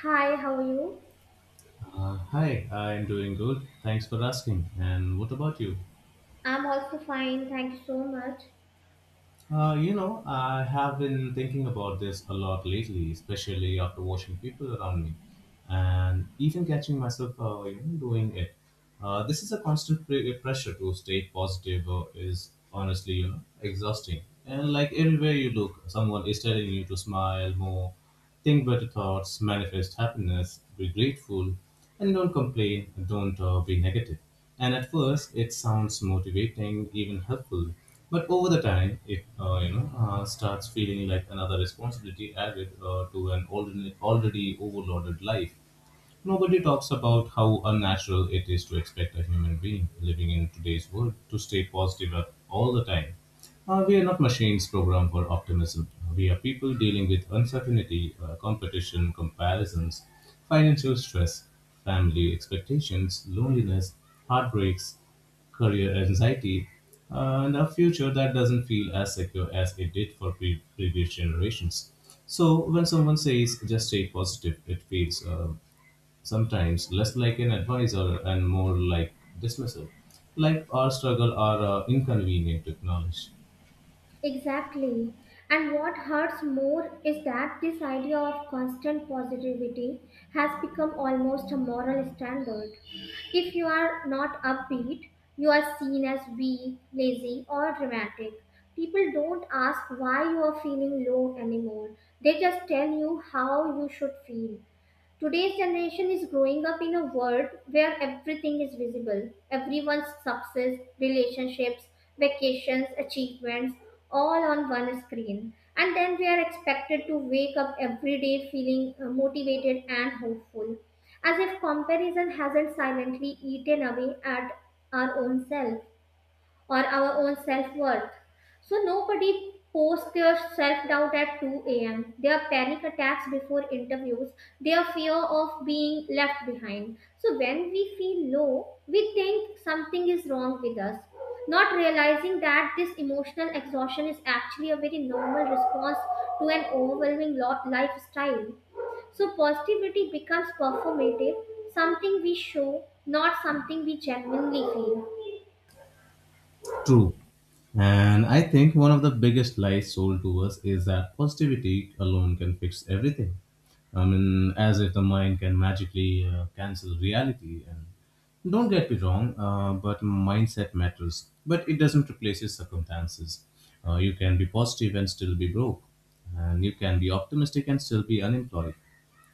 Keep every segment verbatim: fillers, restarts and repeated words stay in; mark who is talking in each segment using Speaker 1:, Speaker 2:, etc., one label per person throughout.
Speaker 1: Hi, how are you?
Speaker 2: Uh, hi, I'm doing good. Thanks for asking. And what about you?
Speaker 1: I'm also fine, thank you so much.
Speaker 2: Uh, you know, I have been thinking about this a lot lately, especially after watching people around me and even catching myself uh, you know, doing it. Uh, this is a constant pre- pressure to stay positive uh, is honestly, you know, exhausting. And like everywhere you look, someone is telling you to smile more. Think better thoughts, manifest happiness, be grateful, and don't complain, don't uh, be negative. And at first, it sounds motivating, even helpful. But over the time, it uh, you know uh, starts feeling like another responsibility added uh, to an already already overloaded life. Nobody talks about how unnatural it is to expect a human being living in today's world to stay positive up all the time. Uh, we are not machines programmed for optimism. We are people dealing with uncertainty, uh, competition, comparisons, financial stress, family expectations, loneliness, heartbreaks, career anxiety, uh, and a future that doesn't feel as secure as it did for pre- previous generations. So when someone says just stay positive, it feels uh, sometimes less like an advisor and more like dismissive, like our struggle are uh, inconvenient to acknowledge.
Speaker 1: Exactly. And what hurts more is that this idea of constant positivity has become almost a moral standard. If you are not upbeat, you are seen as weak, lazy, or dramatic. People don't ask why you are feeling low anymore, they just tell you how you should feel. Today's generation is growing up in a world where everything is visible. Everyone's success, relationships, vacations, achievements, all on one screen. And then we are expected to wake up every day feeling uh, motivated and hopeful, as if comparison hasn't silently eaten away at our own self or our own self worth. So nobody posts their self doubt at two a m, their panic attacks before interviews, their fear of being left behind. So when we feel low, we think something is wrong with us. Not realizing that this emotional exhaustion is actually a very normal response to an overwhelming lo- lifestyle. So positivity becomes performative, something we show, not something we genuinely feel.
Speaker 2: True. And I think one of the biggest lies sold to us is that positivity alone can fix everything. I mean, as if the mind can magically uh, cancel reality. And don't get me wrong, uh, but mindset matters. But it doesn't replace your circumstances. Uh, you can be positive and still be broke, and you can be optimistic and still be unemployed,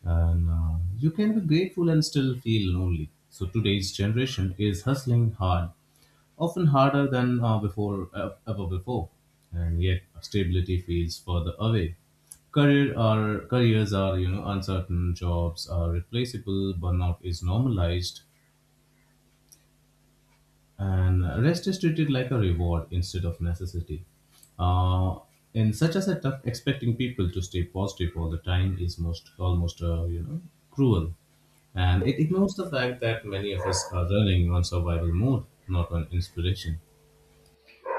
Speaker 2: and uh, you can be grateful and still feel lonely. So today's generation is hustling hard often harder than uh, before uh, ever before, and yet stability feels further away. Career are careers are, you know, uncertain, jobs are replaceable, burnout is normalized, and rest is treated like a reward instead of necessity. Uh, in such a setup, expecting people to stay positive all the time is most almost uh, you know cruel, and it ignores the fact that many of us are running on survival mode, not on inspiration.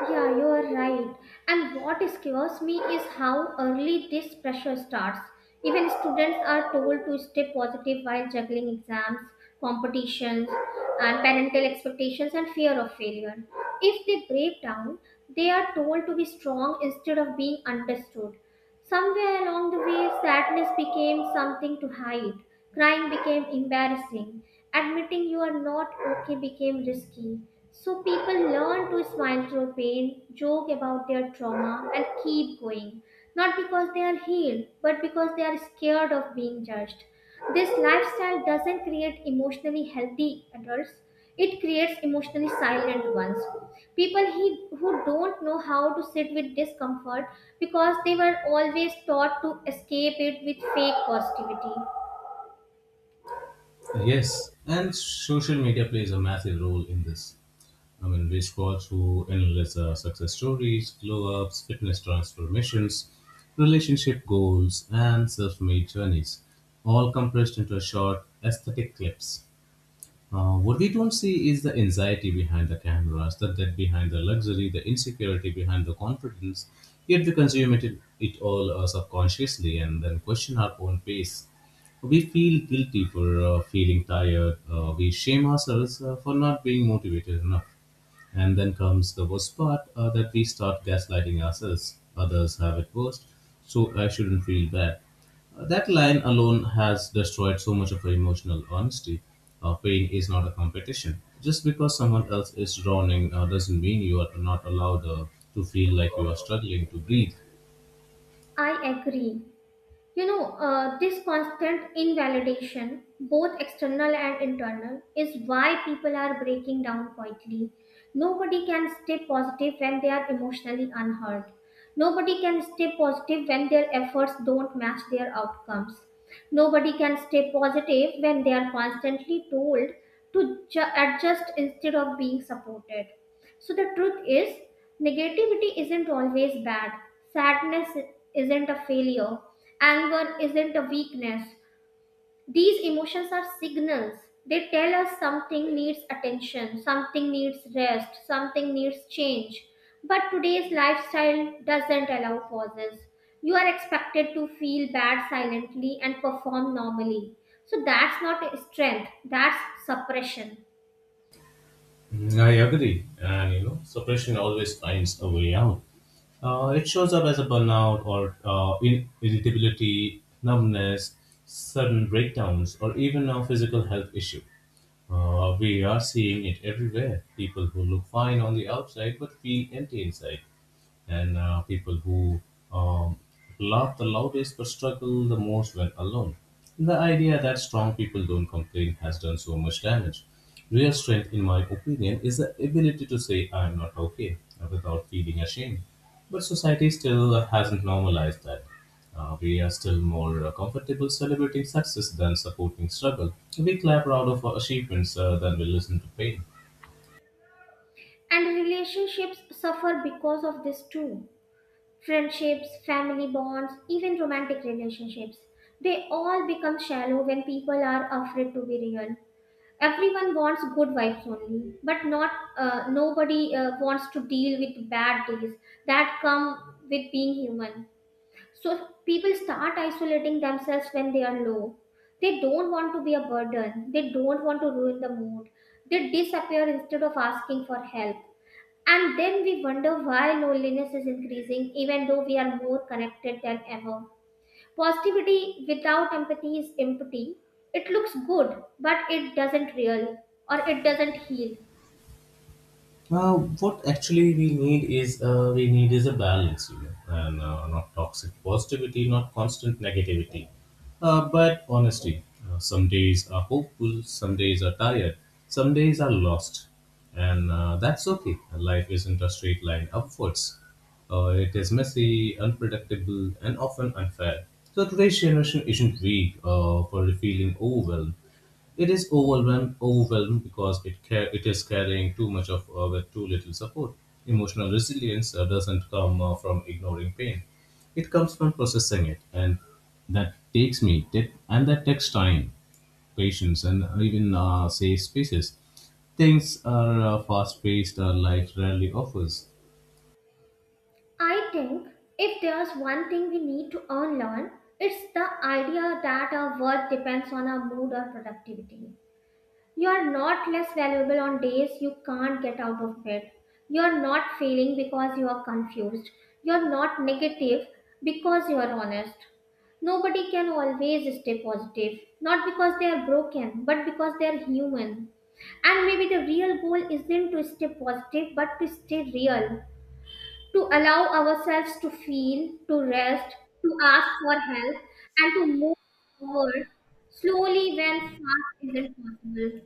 Speaker 1: Yeah, you are right. And what scares me is how early this pressure starts. Even students are told to stay positive while juggling exams, competitions, and parental expectations and fear of failure. If they break down, they are told to be strong instead of being understood. Somewhere along the way, sadness became something to hide. Crying became embarrassing. Admitting you are not okay became risky. So people learn to smile through pain, joke about their trauma, and keep going. Not because they are healed, but because they are scared of being judged. This lifestyle doesn't create emotionally healthy adults, it creates emotionally silent ones. People he, who don't know how to sit with discomfort because they were always taught to escape it with fake positivity.
Speaker 2: Yes, and social media plays a massive role in this. I mean, we scroll through endless uh, success stories, glow ups, fitness transformations, relationship goals, and self made journeys, all compressed into a short aesthetic clips. Uh, what we don't see is the anxiety behind the cameras, the debt behind the luxury, the insecurity behind the confidence. Yet we consume it, it all uh, subconsciously and then question our own pace. We feel guilty for uh, feeling tired. Uh, we shame ourselves uh, for not being motivated enough. And then comes the worst part uh, that we start gaslighting ourselves. Others have it worse, so I shouldn't feel bad. Uh, that line alone has destroyed so much of our emotional honesty. Uh, pain is not a competition. Just because someone else is drowning uh, doesn't mean you are not allowed uh, to feel like you are struggling to breathe.
Speaker 1: I agree. You know, uh, this constant invalidation, both external and internal, is why people are breaking down quietly. Nobody can stay positive when they are emotionally unheard. Nobody can stay positive when their efforts don't match their outcomes. Nobody can stay positive when they are constantly told to ju- adjust instead of being supported. So the truth is, negativity isn't always bad. Sadness isn't a failure. Anger isn't a weakness. These emotions are signals. They tell us something needs attention, something needs rest, something needs change. But today's lifestyle doesn't allow pauses. You are expected to feel bad silently and perform normally. So that's not strength, that's suppression.
Speaker 2: Mm, I agree. And you know, suppression always finds a way out. Uh, it shows up as a burnout or uh, in- irritability, numbness, sudden breakdowns, or even a physical health issue. Uh, we are seeing it everywhere. People who look fine on the outside but feel empty inside and uh, people who um, laugh the loudest but struggle the most when alone. The idea that strong people don't complain has done so much damage. Real strength, in my opinion, is the ability to say I'm not okay uh, without feeling ashamed. But society still hasn't normalized that. Uh, we are still more uh, comfortable celebrating success than supporting struggle. We clap proud of our achievements uh, than we listen to pain.
Speaker 1: And relationships suffer because of this too. Friendships, family bonds, even romantic relationships. They all become shallow when people are afraid to be real. Everyone wants good vibes only, but not uh, nobody uh, wants to deal with bad days that come with being human. So people start isolating themselves when they are low. They don't want to be a burden. They don't want to ruin the mood. They disappear instead of asking for help. And then we wonder why loneliness is increasing, even though we are more connected than ever. Positivity without empathy is empty. It looks good, but it doesn't real or it doesn't heal.
Speaker 2: Uh, what actually we need is uh, We need is a balance, you know, and uh, not toxic positivity, not constant negativity, uh, but honesty. Uh, some days are hopeful, some days are tired, some days are lost, and uh, that's okay. Life isn't a straight line upwards. Uh, it is messy, unpredictable, and often unfair. So today's generation isn't weak uh, for feeling overwhelmed. It is overwhelmed, overwhelmed because it car- it is carrying too much of uh, with too little support. Emotional resilience uh, doesn't come uh, from ignoring pain; it comes from processing it, and that takes me that and that takes time, patience, and even uh, safe spaces. Things are uh, fast paced. Our life rarely offers.
Speaker 1: I think if there's one thing we need to unlearn, it's the idea that our worth depends on our mood or productivity. You are not less valuable on days you can't get out of bed. You are not failing because you are confused. You are not negative because you are honest. Nobody can always stay positive, not because they are broken, but because they are human. And maybe the real goal isn't to stay positive, but to stay real, to allow ourselves to feel, to rest, to ask for help, and to move forward slowly when fast isn't possible.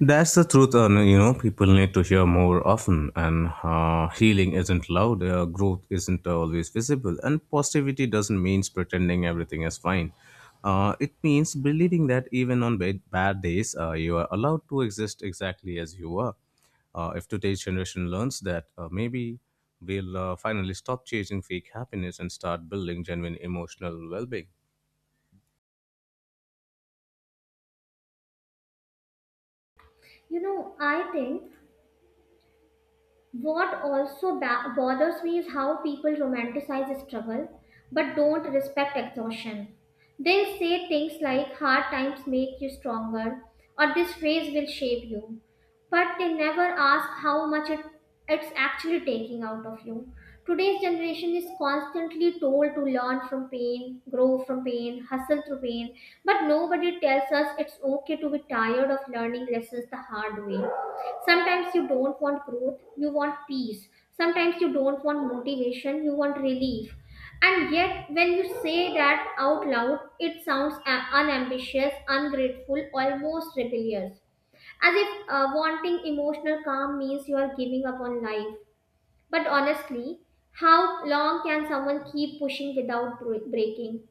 Speaker 2: That's the truth, and you know, people need to hear more often. And uh, healing isn't loud, uh, growth isn't always visible, and positivity doesn't mean pretending everything is fine. Uh, it means believing that even on bad, bad days, uh, you are allowed to exist exactly as you are. Uh, if today's generation learns that, uh, maybe we'll uh, finally stop chasing fake happiness and start building genuine emotional well being.
Speaker 1: You know, I think what also ba- bothers me is how people romanticize struggle but don't respect exhaustion. They say things like hard times make you stronger or this phase will shape you, but they never ask how much it, it's actually taking out of you. Today's generation is constantly told to learn from pain, grow from pain, hustle through pain, but nobody tells us it's okay to be tired of learning lessons the hard way. Sometimes you don't want growth, you want peace. Sometimes you don't want motivation, you want relief. And yet, when you say that out loud, it sounds a- unambitious, ungrateful, almost rebellious. As if uh, wanting emotional calm means you are giving up on life. But honestly, how long can someone keep pushing without bro- breaking?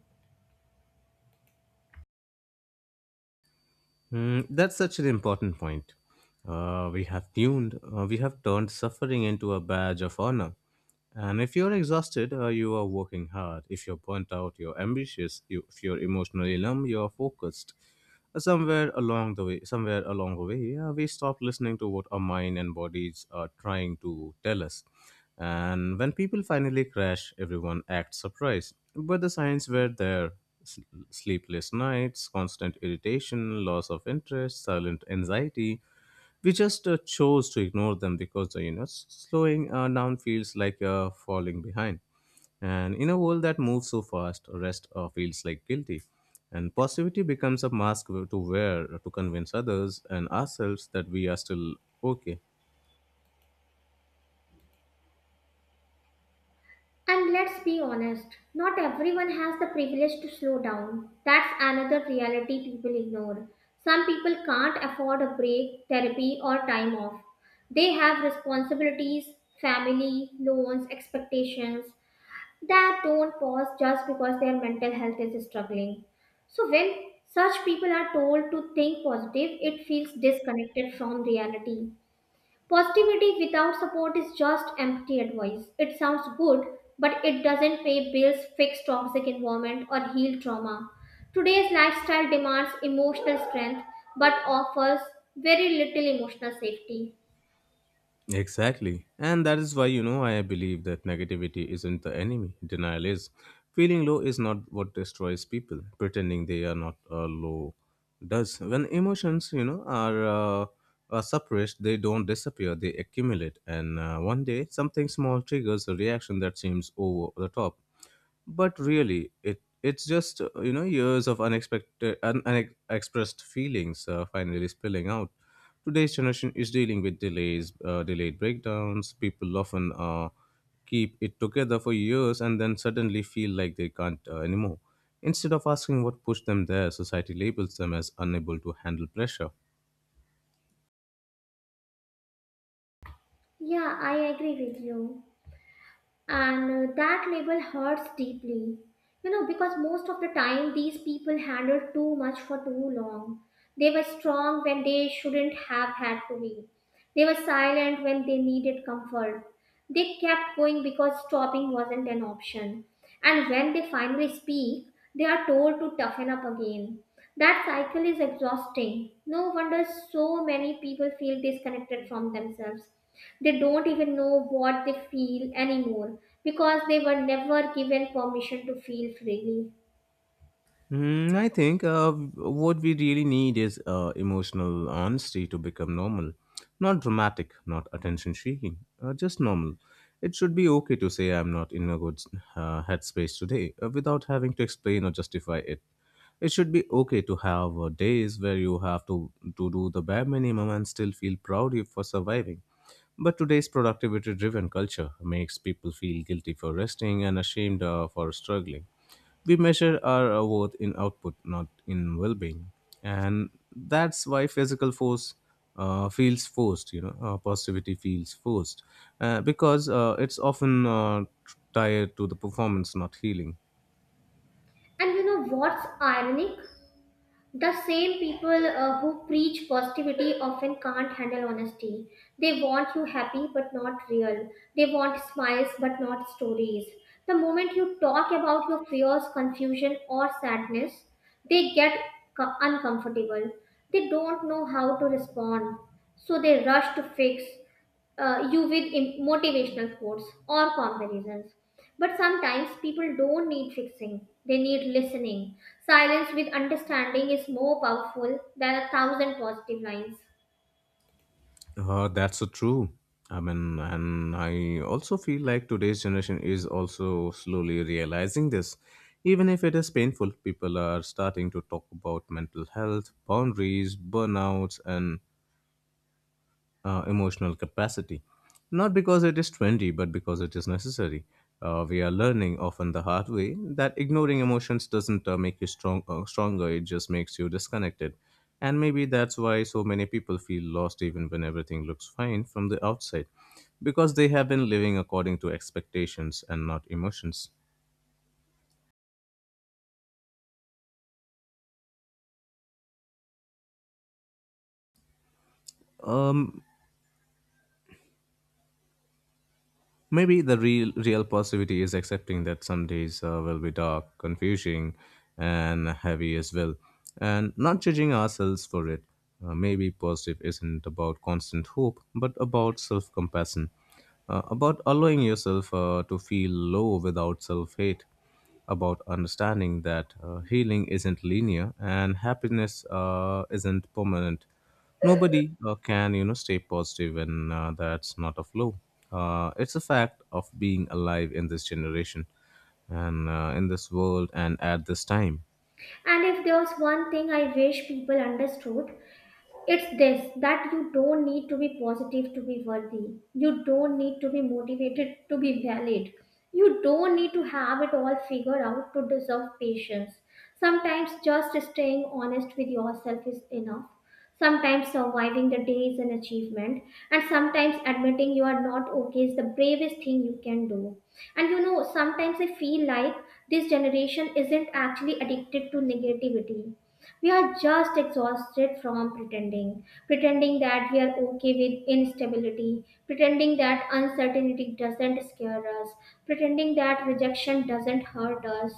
Speaker 2: Mm, that's such an important point. Uh, we have tuned, uh, we have turned suffering into a badge of honor. And if you're exhausted, uh, you are working hard. If you're burnt out, you're ambitious. You, if you're emotionally numb, you're focused. Uh, somewhere along the way somewhere along the way, yeah, we stop listening to what our mind and bodies are trying to tell us, and when people finally crash, everyone acts surprised, but the signs were there. S- Sleepless nights, constant irritation, loss of interest, silent anxiety, we just uh, chose to ignore them because, uh, you know s- slowing uh, down feels like uh, falling behind, and in a world that moves so fast, rest uh, feels like guilty, and positivity becomes a mask to wear to convince others and ourselves that we are still okay.
Speaker 1: And let's be honest, not everyone has the privilege to slow down. That's another reality people ignore. Some people can't afford a break, therapy, or time off. They have responsibilities, family, loans, expectations that don't pause just because their mental health is struggling. So, when such people are told to think positive, it feels disconnected from reality. Positivity without support is just empty advice. It sounds good, but it doesn't pay bills, fix toxic environment, or heal trauma. Today's lifestyle demands emotional strength but offers very little emotional safety.
Speaker 2: Exactly. And that is why, you know, I believe that negativity isn't the enemy. Denial is. Feeling low is not what destroys people. Pretending they are not uh, low does. When emotions, you know, are, uh, are suppressed, they don't disappear, they accumulate. And uh, one day, something small triggers a reaction that seems over the top, but really it it's just uh, you know years of unexpected un- unexpressed feelings uh, finally spilling out. Today's generation is dealing with delays uh, delayed breakdowns. People often uh, keep it together for years and then suddenly feel like they can't uh, anymore. Instead of asking what pushed them there, society labels them as unable to handle pressure.
Speaker 1: Yeah, I agree with you. and uh, that label hurts deeply, you know, because most of the time these people handled too much for too long. They were strong when they shouldn't have had to be. They were silent when they needed comfort. They kept going because stopping wasn't an option. And when they finally speak, they are told to toughen up again. That cycle is exhausting. No wonder so many people feel disconnected from themselves. They don't even know what they feel anymore because they were never given permission to feel freely.
Speaker 2: Mm, I think uh, what we really need is uh, emotional honesty to become normal. Not dramatic, not attention seeking, uh, just normal. It should be okay to say I'm not in a good uh, headspace today uh, without having to explain or justify it. It should be okay to have uh, days where you have to, to do the bare minimum and still feel proud you for surviving. But today's productivity driven culture makes people feel guilty for resting and ashamed uh, for struggling. We measure our uh, worth in output, not in well being. And that's why physical force uh, feels forced, you know, uh, positivity feels forced uh, because uh, it's often uh, tied to the performance, not healing.
Speaker 1: And you know what's ironic? The same people uh, who preach positivity often can't handle honesty. They want you happy but not real. They want smiles but not stories. The moment you talk about your fears, confusion, or sadness, they get co- uncomfortable. They don't know how to respond, so they rush to fix uh, you with im- motivational quotes or comparisons. But sometimes people don't need fixing, they need listening. Silence with understanding is more powerful than a thousand positive lines.
Speaker 2: Uh, that's so true. I mean, and I also feel like today's generation is also slowly realizing this. Even if it is painful, people are starting to talk about mental health, boundaries, burnouts, and uh, emotional capacity. Not because it is trendy, but because it is necessary. Uh, we are learning often the hard way that ignoring emotions doesn't uh, make you strong, uh, stronger, it just makes you disconnected. And maybe that's why so many people feel lost even when everything looks fine from the outside, because they have been living according to expectations and not emotions. Um, Maybe the real real positivity is accepting that some days uh, will be dark, confusing, and heavy as well, and not judging ourselves for it. Uh, maybe positive isn't about constant hope, but about self compassion, uh, about allowing yourself uh, to feel low without self hate, about understanding that uh, healing isn't linear and happiness uh, isn't permanent. Nobody uh, can, you know, stay positive when uh, that's not a flaw. Uh, it's a fact of being alive in this generation and uh, in this world and at this time.
Speaker 1: And if there was one thing I wish people understood, it's this, that you don't need to be positive to be worthy. You don't need to be motivated to be valid. You don't need to have it all figured out to deserve patience. Sometimes just staying honest with yourself is enough. Sometimes surviving the day is an achievement, and sometimes admitting you are not okay is the bravest thing you can do. And you know, sometimes I feel like this generation isn't actually addicted to negativity, we are just exhausted from pretending, pretending that we are okay with instability, pretending that uncertainty doesn't scare us, pretending that rejection doesn't hurt us.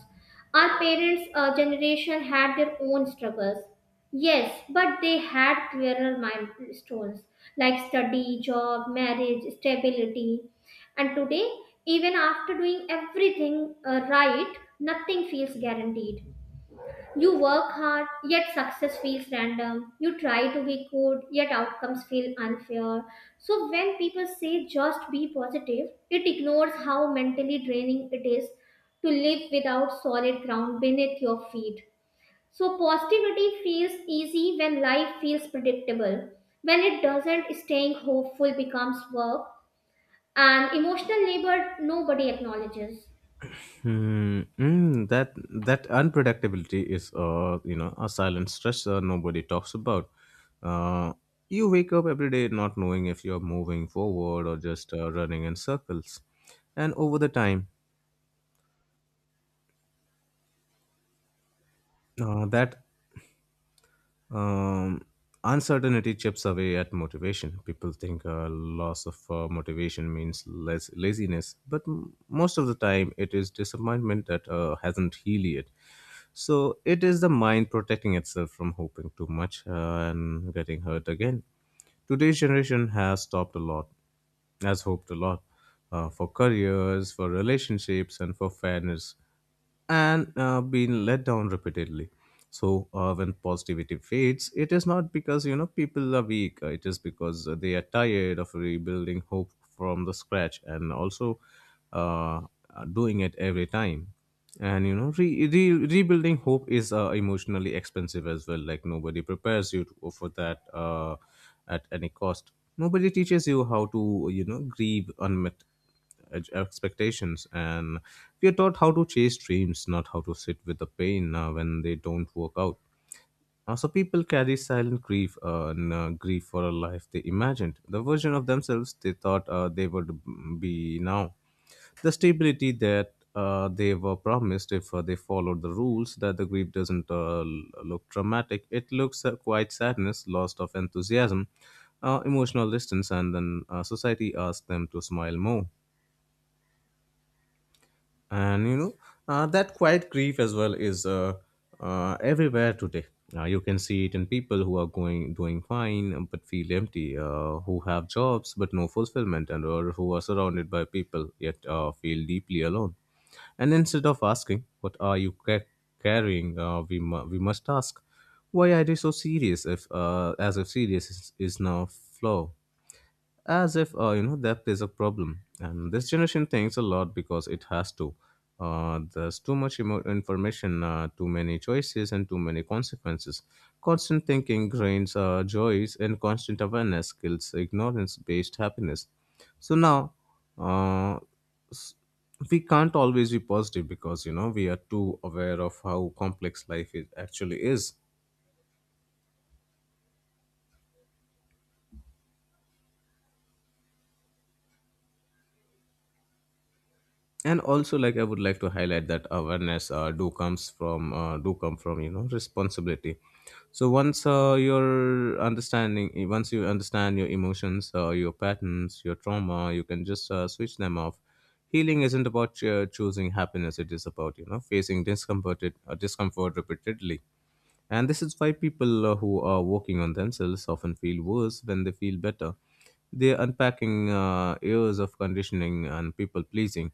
Speaker 1: Our parents uh, generation had their own struggles, yes, but they had clearer milestones, like study, job, marriage, stability. And today, even after doing everything uh, right, nothing feels guaranteed. You work hard, yet success feels random. You try to be good, yet outcomes feel unfair. So, when people say just be positive, it ignores how mentally draining it is to live without solid ground beneath your feet. So, positivity feels easy when life feels predictable. When it doesn't, staying hopeful becomes work, and emotional labor nobody acknowledges.
Speaker 2: Hmm, mm, that that unpredictability is, uh, you know, a silent stressor nobody talks about. Uh, you wake up every day not knowing if you're moving forward or just uh, running in circles, and over the time, uh, that Um, uncertainty chips away at motivation. People think uh, loss of uh, motivation means less laziness, but m- most of the time it is disappointment that uh, hasn't healed yet. So it is the mind protecting itself from hoping too much uh, and getting hurt again. Today's generation has stopped a lot, has hoped a lot uh, for careers, for relationships, and for fairness, and uh, been let down repeatedly. So uh, when positivity fades, it is not because you know people are weak. uh, It is because uh, they are tired of rebuilding hope from the scratch, and also uh, uh, doing it every time. And you know re- re- rebuilding hope is uh, emotionally expensive as well, like nobody prepares you to, for that uh, at any cost. Nobody teaches you how to you know grieve unmet ex- expectations, and we are taught how to chase dreams, not how to sit with the pain uh, when they don't work out. Uh, so people carry silent grief, uh, and, uh, grief for a life they imagined, the version of themselves they thought uh, they would be now, the stability that uh, they were promised if uh, they followed the rules. That the grief doesn't uh, l- look dramatic; it looks uh, quite sadness, loss of enthusiasm, uh, emotional distance, and then uh, society asks them to smile more. And you know uh, That quiet grief as well is uh, uh, everywhere today. Uh, you can see it in people who are going doing fine but feel empty, uh, who have jobs but no fulfillment, and or who are surrounded by people yet uh, feel deeply alone. And instead of asking what are you ca- carrying, uh, we, mu- we must ask why are they so serious, if uh, as if serious is, is now flaw, as if uh, you know depth is a problem. And this generation thinks a lot because it has to. Uh, there's too much emo- information, uh, too many choices, and too many consequences. Constant thinking drains uh, joys, and constant awareness kills ignorance based happiness. So now, uh, we can't always be positive because you know we are too aware of how complex life is, actually is. And also, like, I would like to highlight that awareness uh, do comes from uh, do come from, you know responsibility. So once uh, your understanding once you understand your emotions, uh, your patterns, your trauma, you can just uh, switch them off. Healing isn't about uh, choosing happiness, it is about, you know facing discomforted, uh, discomfort repeatedly. And this is why people uh, who are working on themselves often feel worse when they feel better. They're unpacking uh, years of conditioning and people pleasing,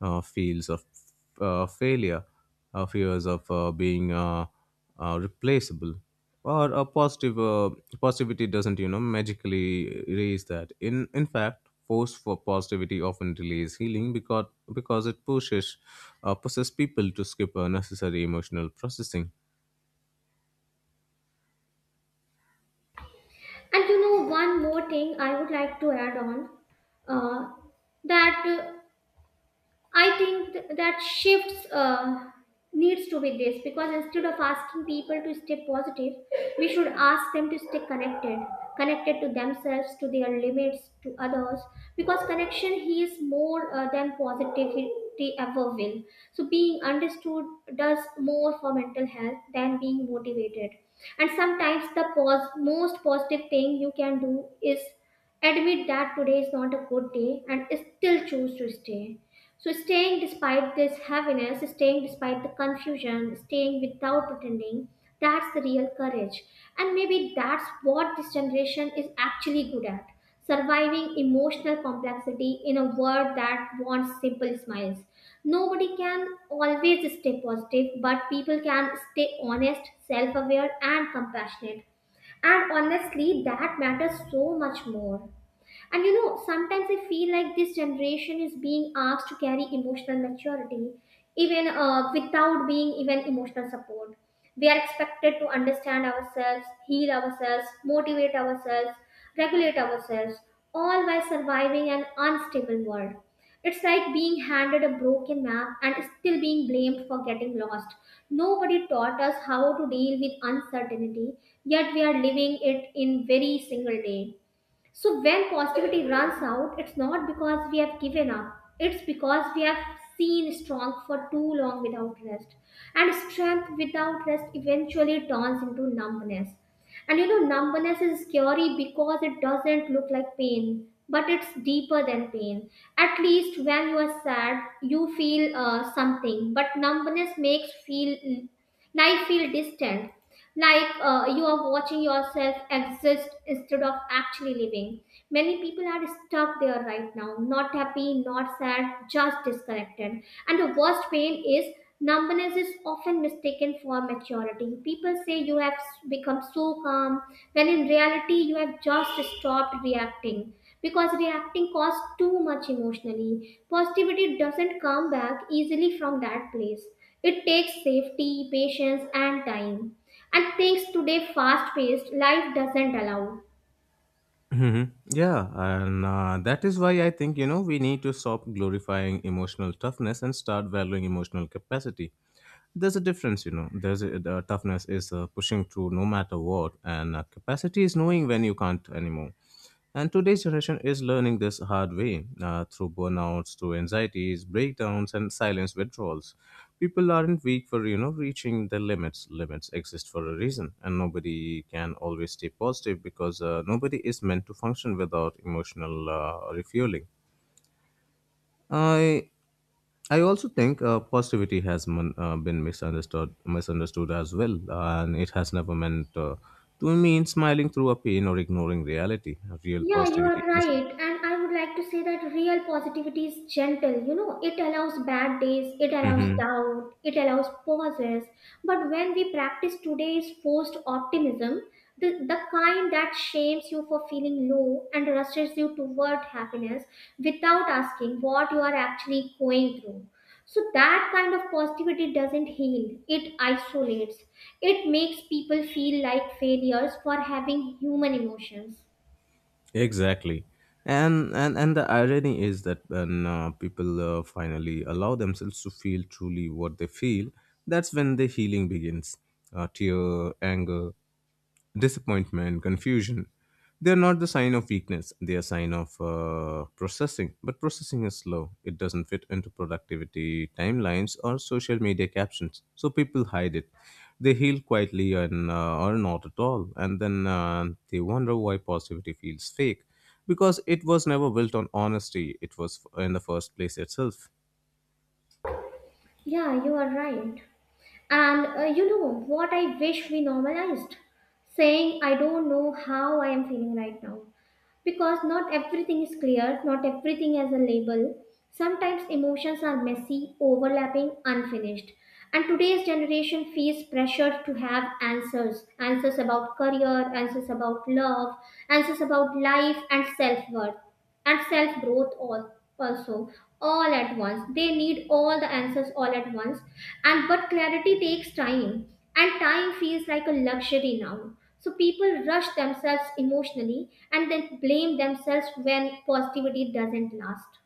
Speaker 2: uh, feels of uh, failure, uh, fears of uh, being uh, uh, replaceable. Or a positive uh, Positivity doesn't, you know, magically erase that. In in fact, force for positivity often delays healing, because because it pushes uh, pushes people to skip a necessary emotional processing.
Speaker 1: And you know, one more thing I would like to add on uh, that. Uh, I think th- that shifts uh, needs to be this, because instead of asking people to stay positive, we should ask them to stay connected, connected to themselves, to their limits, to others. Because connection heals more uh, than positivity ever will. So being understood does more for mental health than being motivated. And sometimes the pos- most positive thing you can do is admit that today is not a good day and still choose to stay. So, staying despite this heaviness, staying despite the confusion, staying without pretending, that's the real courage. And maybe that's what this generation is actually good at, surviving emotional complexity in a world that wants simple smiles. Nobody can always stay positive, but people can stay honest, self aware, and compassionate. And honestly, that matters so much more. And you know, sometimes I feel like this generation is being asked to carry emotional maturity, even uh, without being even emotional support. We are expected to understand ourselves, heal ourselves, motivate ourselves, regulate ourselves, all while surviving an unstable world. It's like being handed a broken map and still being blamed for getting lost. Nobody taught us how to deal with uncertainty, yet we are living it in very single day. So when positivity runs out, it's not because we have given up. It's because we have seen strong for too long without rest. And strength without rest eventually turns into numbness. And you know, numbness is scary because it doesn't look like pain, but it's deeper than pain. At least when you are sad, you feel uh, something, but numbness makes feel and I feel distant, like uh, you are watching yourself exist instead of actually living. Many people are stuck there right now, not happy, not sad, just disconnected. And the worst pain is numbness is often mistaken for maturity. People say you have become so calm, when in reality, you have just stopped reacting because reacting costs too much emotionally. Positivity doesn't come back easily from that place. It takes safety, patience, and time. And things today fast paced life doesn't allow.
Speaker 2: Hmm. Yeah, and uh, that is why I think, you know we need to stop glorifying emotional toughness and start valuing emotional capacity. There's a difference, you know. There's a, the toughness is uh, pushing through no matter what, and uh, capacity is knowing when you can't anymore. And today's generation is learning this hard way, uh, through burnouts, through anxieties, breakdowns, and silence withdrawals. People aren't weak for you know reaching their limits. Limits exist for a reason, and nobody can always stay positive because, uh, nobody is meant to function without emotional uh, refueling. I I also think uh, positivity has mon- uh, been misunderstood misunderstood as well, and it has never meant uh, to mean smiling through a pain or ignoring reality. Real
Speaker 1: Yeah, you are
Speaker 2: positivity is
Speaker 1: right. And I would like to say that real positivity is gentle. You know, it allows bad days, it allows doubt, it allows pauses. But when we practice today's forced optimism, the, the kind that shames you for feeling low and rushes you toward happiness without asking what you are actually going through. So, that kind of positivity doesn't heal, it isolates. It makes people feel like failures for having human emotions.
Speaker 2: exactly. And, and and the irony is that when uh, people uh, finally allow themselves to feel truly what they feel, that's when the healing begins. Uh, tear, anger, disappointment, confusion. They are not the sign of weakness. They are sign of uh, processing. But processing is slow. It doesn't fit into productivity timelines or social media captions. So people hide it. They heal quietly, and uh, or not at all. And then uh, they wonder why positivity feels fake, because it was never built on honesty. It was in the first place itself.
Speaker 1: Yeah, you are right. And uh, you know what I wish we normalized? Saying, I don't know how I am feeling right now. Because not everything is clear, not everything has a label. Sometimes emotions are messy, overlapping, unfinished. And today's generation feels pressured to have answers answers about career, answers about love, answers about life and self worth and self growth all also all at once. They need all the answers all at once, and but clarity takes time, and time feels like a luxury now. So people rush themselves emotionally and then blame themselves when positivity doesn't last.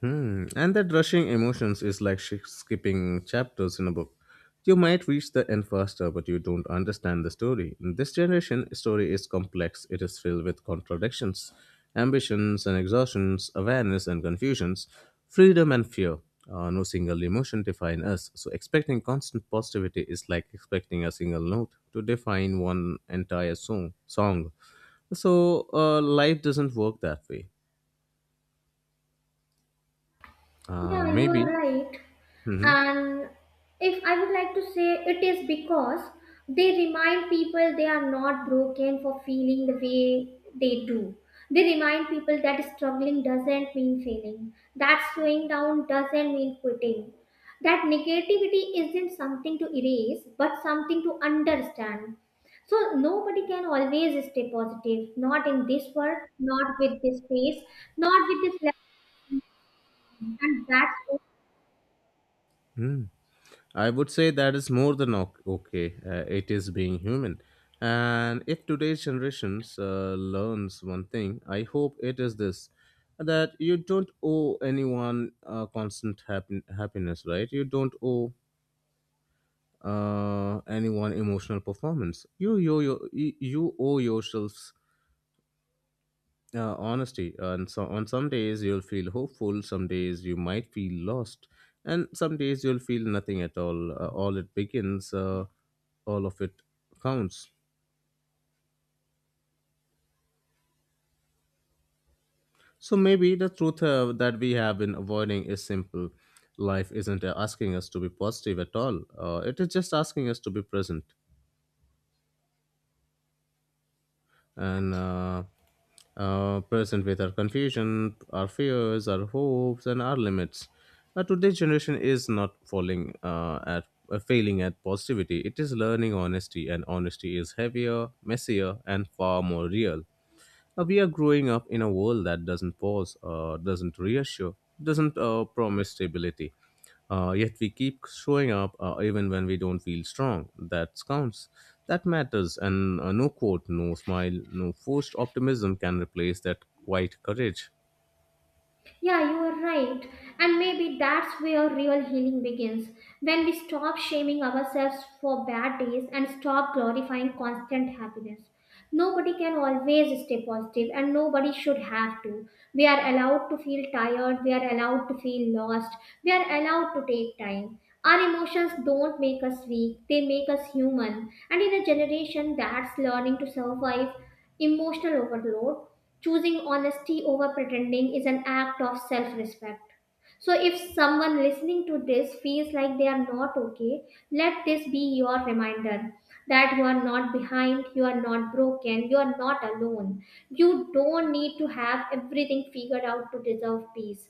Speaker 2: Hmm. And that rushing emotions is like sh- skipping chapters in a book. You might reach the end faster, but you don't understand the story. In this generation, story is complex. It is filled with contradictions, ambitions and exhaustions, awareness and confusions, freedom and fear. Uh, no single emotion define us. So expecting constant positivity is like expecting a single note to define one entire song. Song. So uh, life doesn't work that way. Uh,
Speaker 1: Yeah, you are
Speaker 2: maybe.
Speaker 1: right.
Speaker 2: Hmm.
Speaker 1: And if I would like to say it is because they remind people they are not broken for feeling the way they do. They remind people that struggling doesn't mean failing, that slowing down doesn't mean quitting, that negativity isn't something to erase but something to understand. So nobody can always stay positive, not in this world, not with this face, not with this level, and that's...
Speaker 2: I would say that is more than o- okay. Uh, it is being human. And if today's generations uh, learns one thing, I hope it is this, that you don't owe anyone uh, constant happen- happiness, right? You don't owe uh, anyone emotional performance. You, you, you, you owe yourselves uh, honesty. And so on some days you'll feel hopeful, some days you might feel lost, and some days you'll feel nothing at all. Uh, all it begins, uh, all of it counts. So maybe the truth uh, that we have been avoiding is simple. Life isn't asking us to be positive at all. Uh, it is just asking us to be present. And uh, uh, Present with our confusion, our fears, our hopes, and our limits. Now, today's generation is not falling uh, at uh, failing at positivity. It is learning honesty, and honesty is heavier, messier, and far more real. Uh, we are growing up in a world that doesn't pause, uh, doesn't reassure, doesn't uh, promise stability. Uh, yet we keep showing up uh, even when we don't feel strong. That counts. That matters. And uh, no quote, no smile, no forced optimism can replace that quiet courage.
Speaker 1: Yeah, you are right. And maybe that's where real healing begins when we stop shaming ourselves for bad days and stop glorifying constant happiness. Nobody can always stay positive, and nobody should have to. We are allowed to feel tired, we are allowed to feel lost, we are allowed to take time. Our emotions don't make us weak, they make us human. And in a generation that's learning to survive emotional overload, choosing honesty over pretending is an act of self respect. So, if someone listening to this feels like they are not okay, let this be your reminder that you are not behind, you are not broken, you are not alone. You don't need to have everything figured out to deserve peace.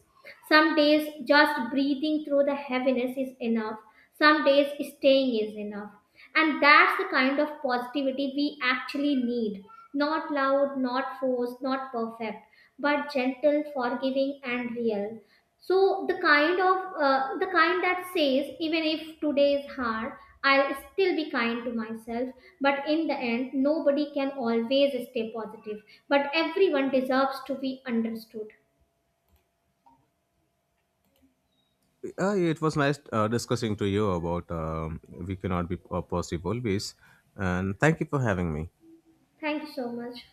Speaker 1: Some days just breathing through the heaviness is enough. Some days staying is enough. And that's the kind of positivity we actually need. Not loud, not forced, not perfect, but gentle, forgiving, and real. So the kind of uh, the kind that says even if today is hard, I'll still be kind to myself. But in the end, nobody can always stay positive. But everyone deserves to be understood.
Speaker 2: Uh, it was nice uh, discussing to you about um we cannot be uh, positive always. And thank you for having me.
Speaker 1: Thank you so much.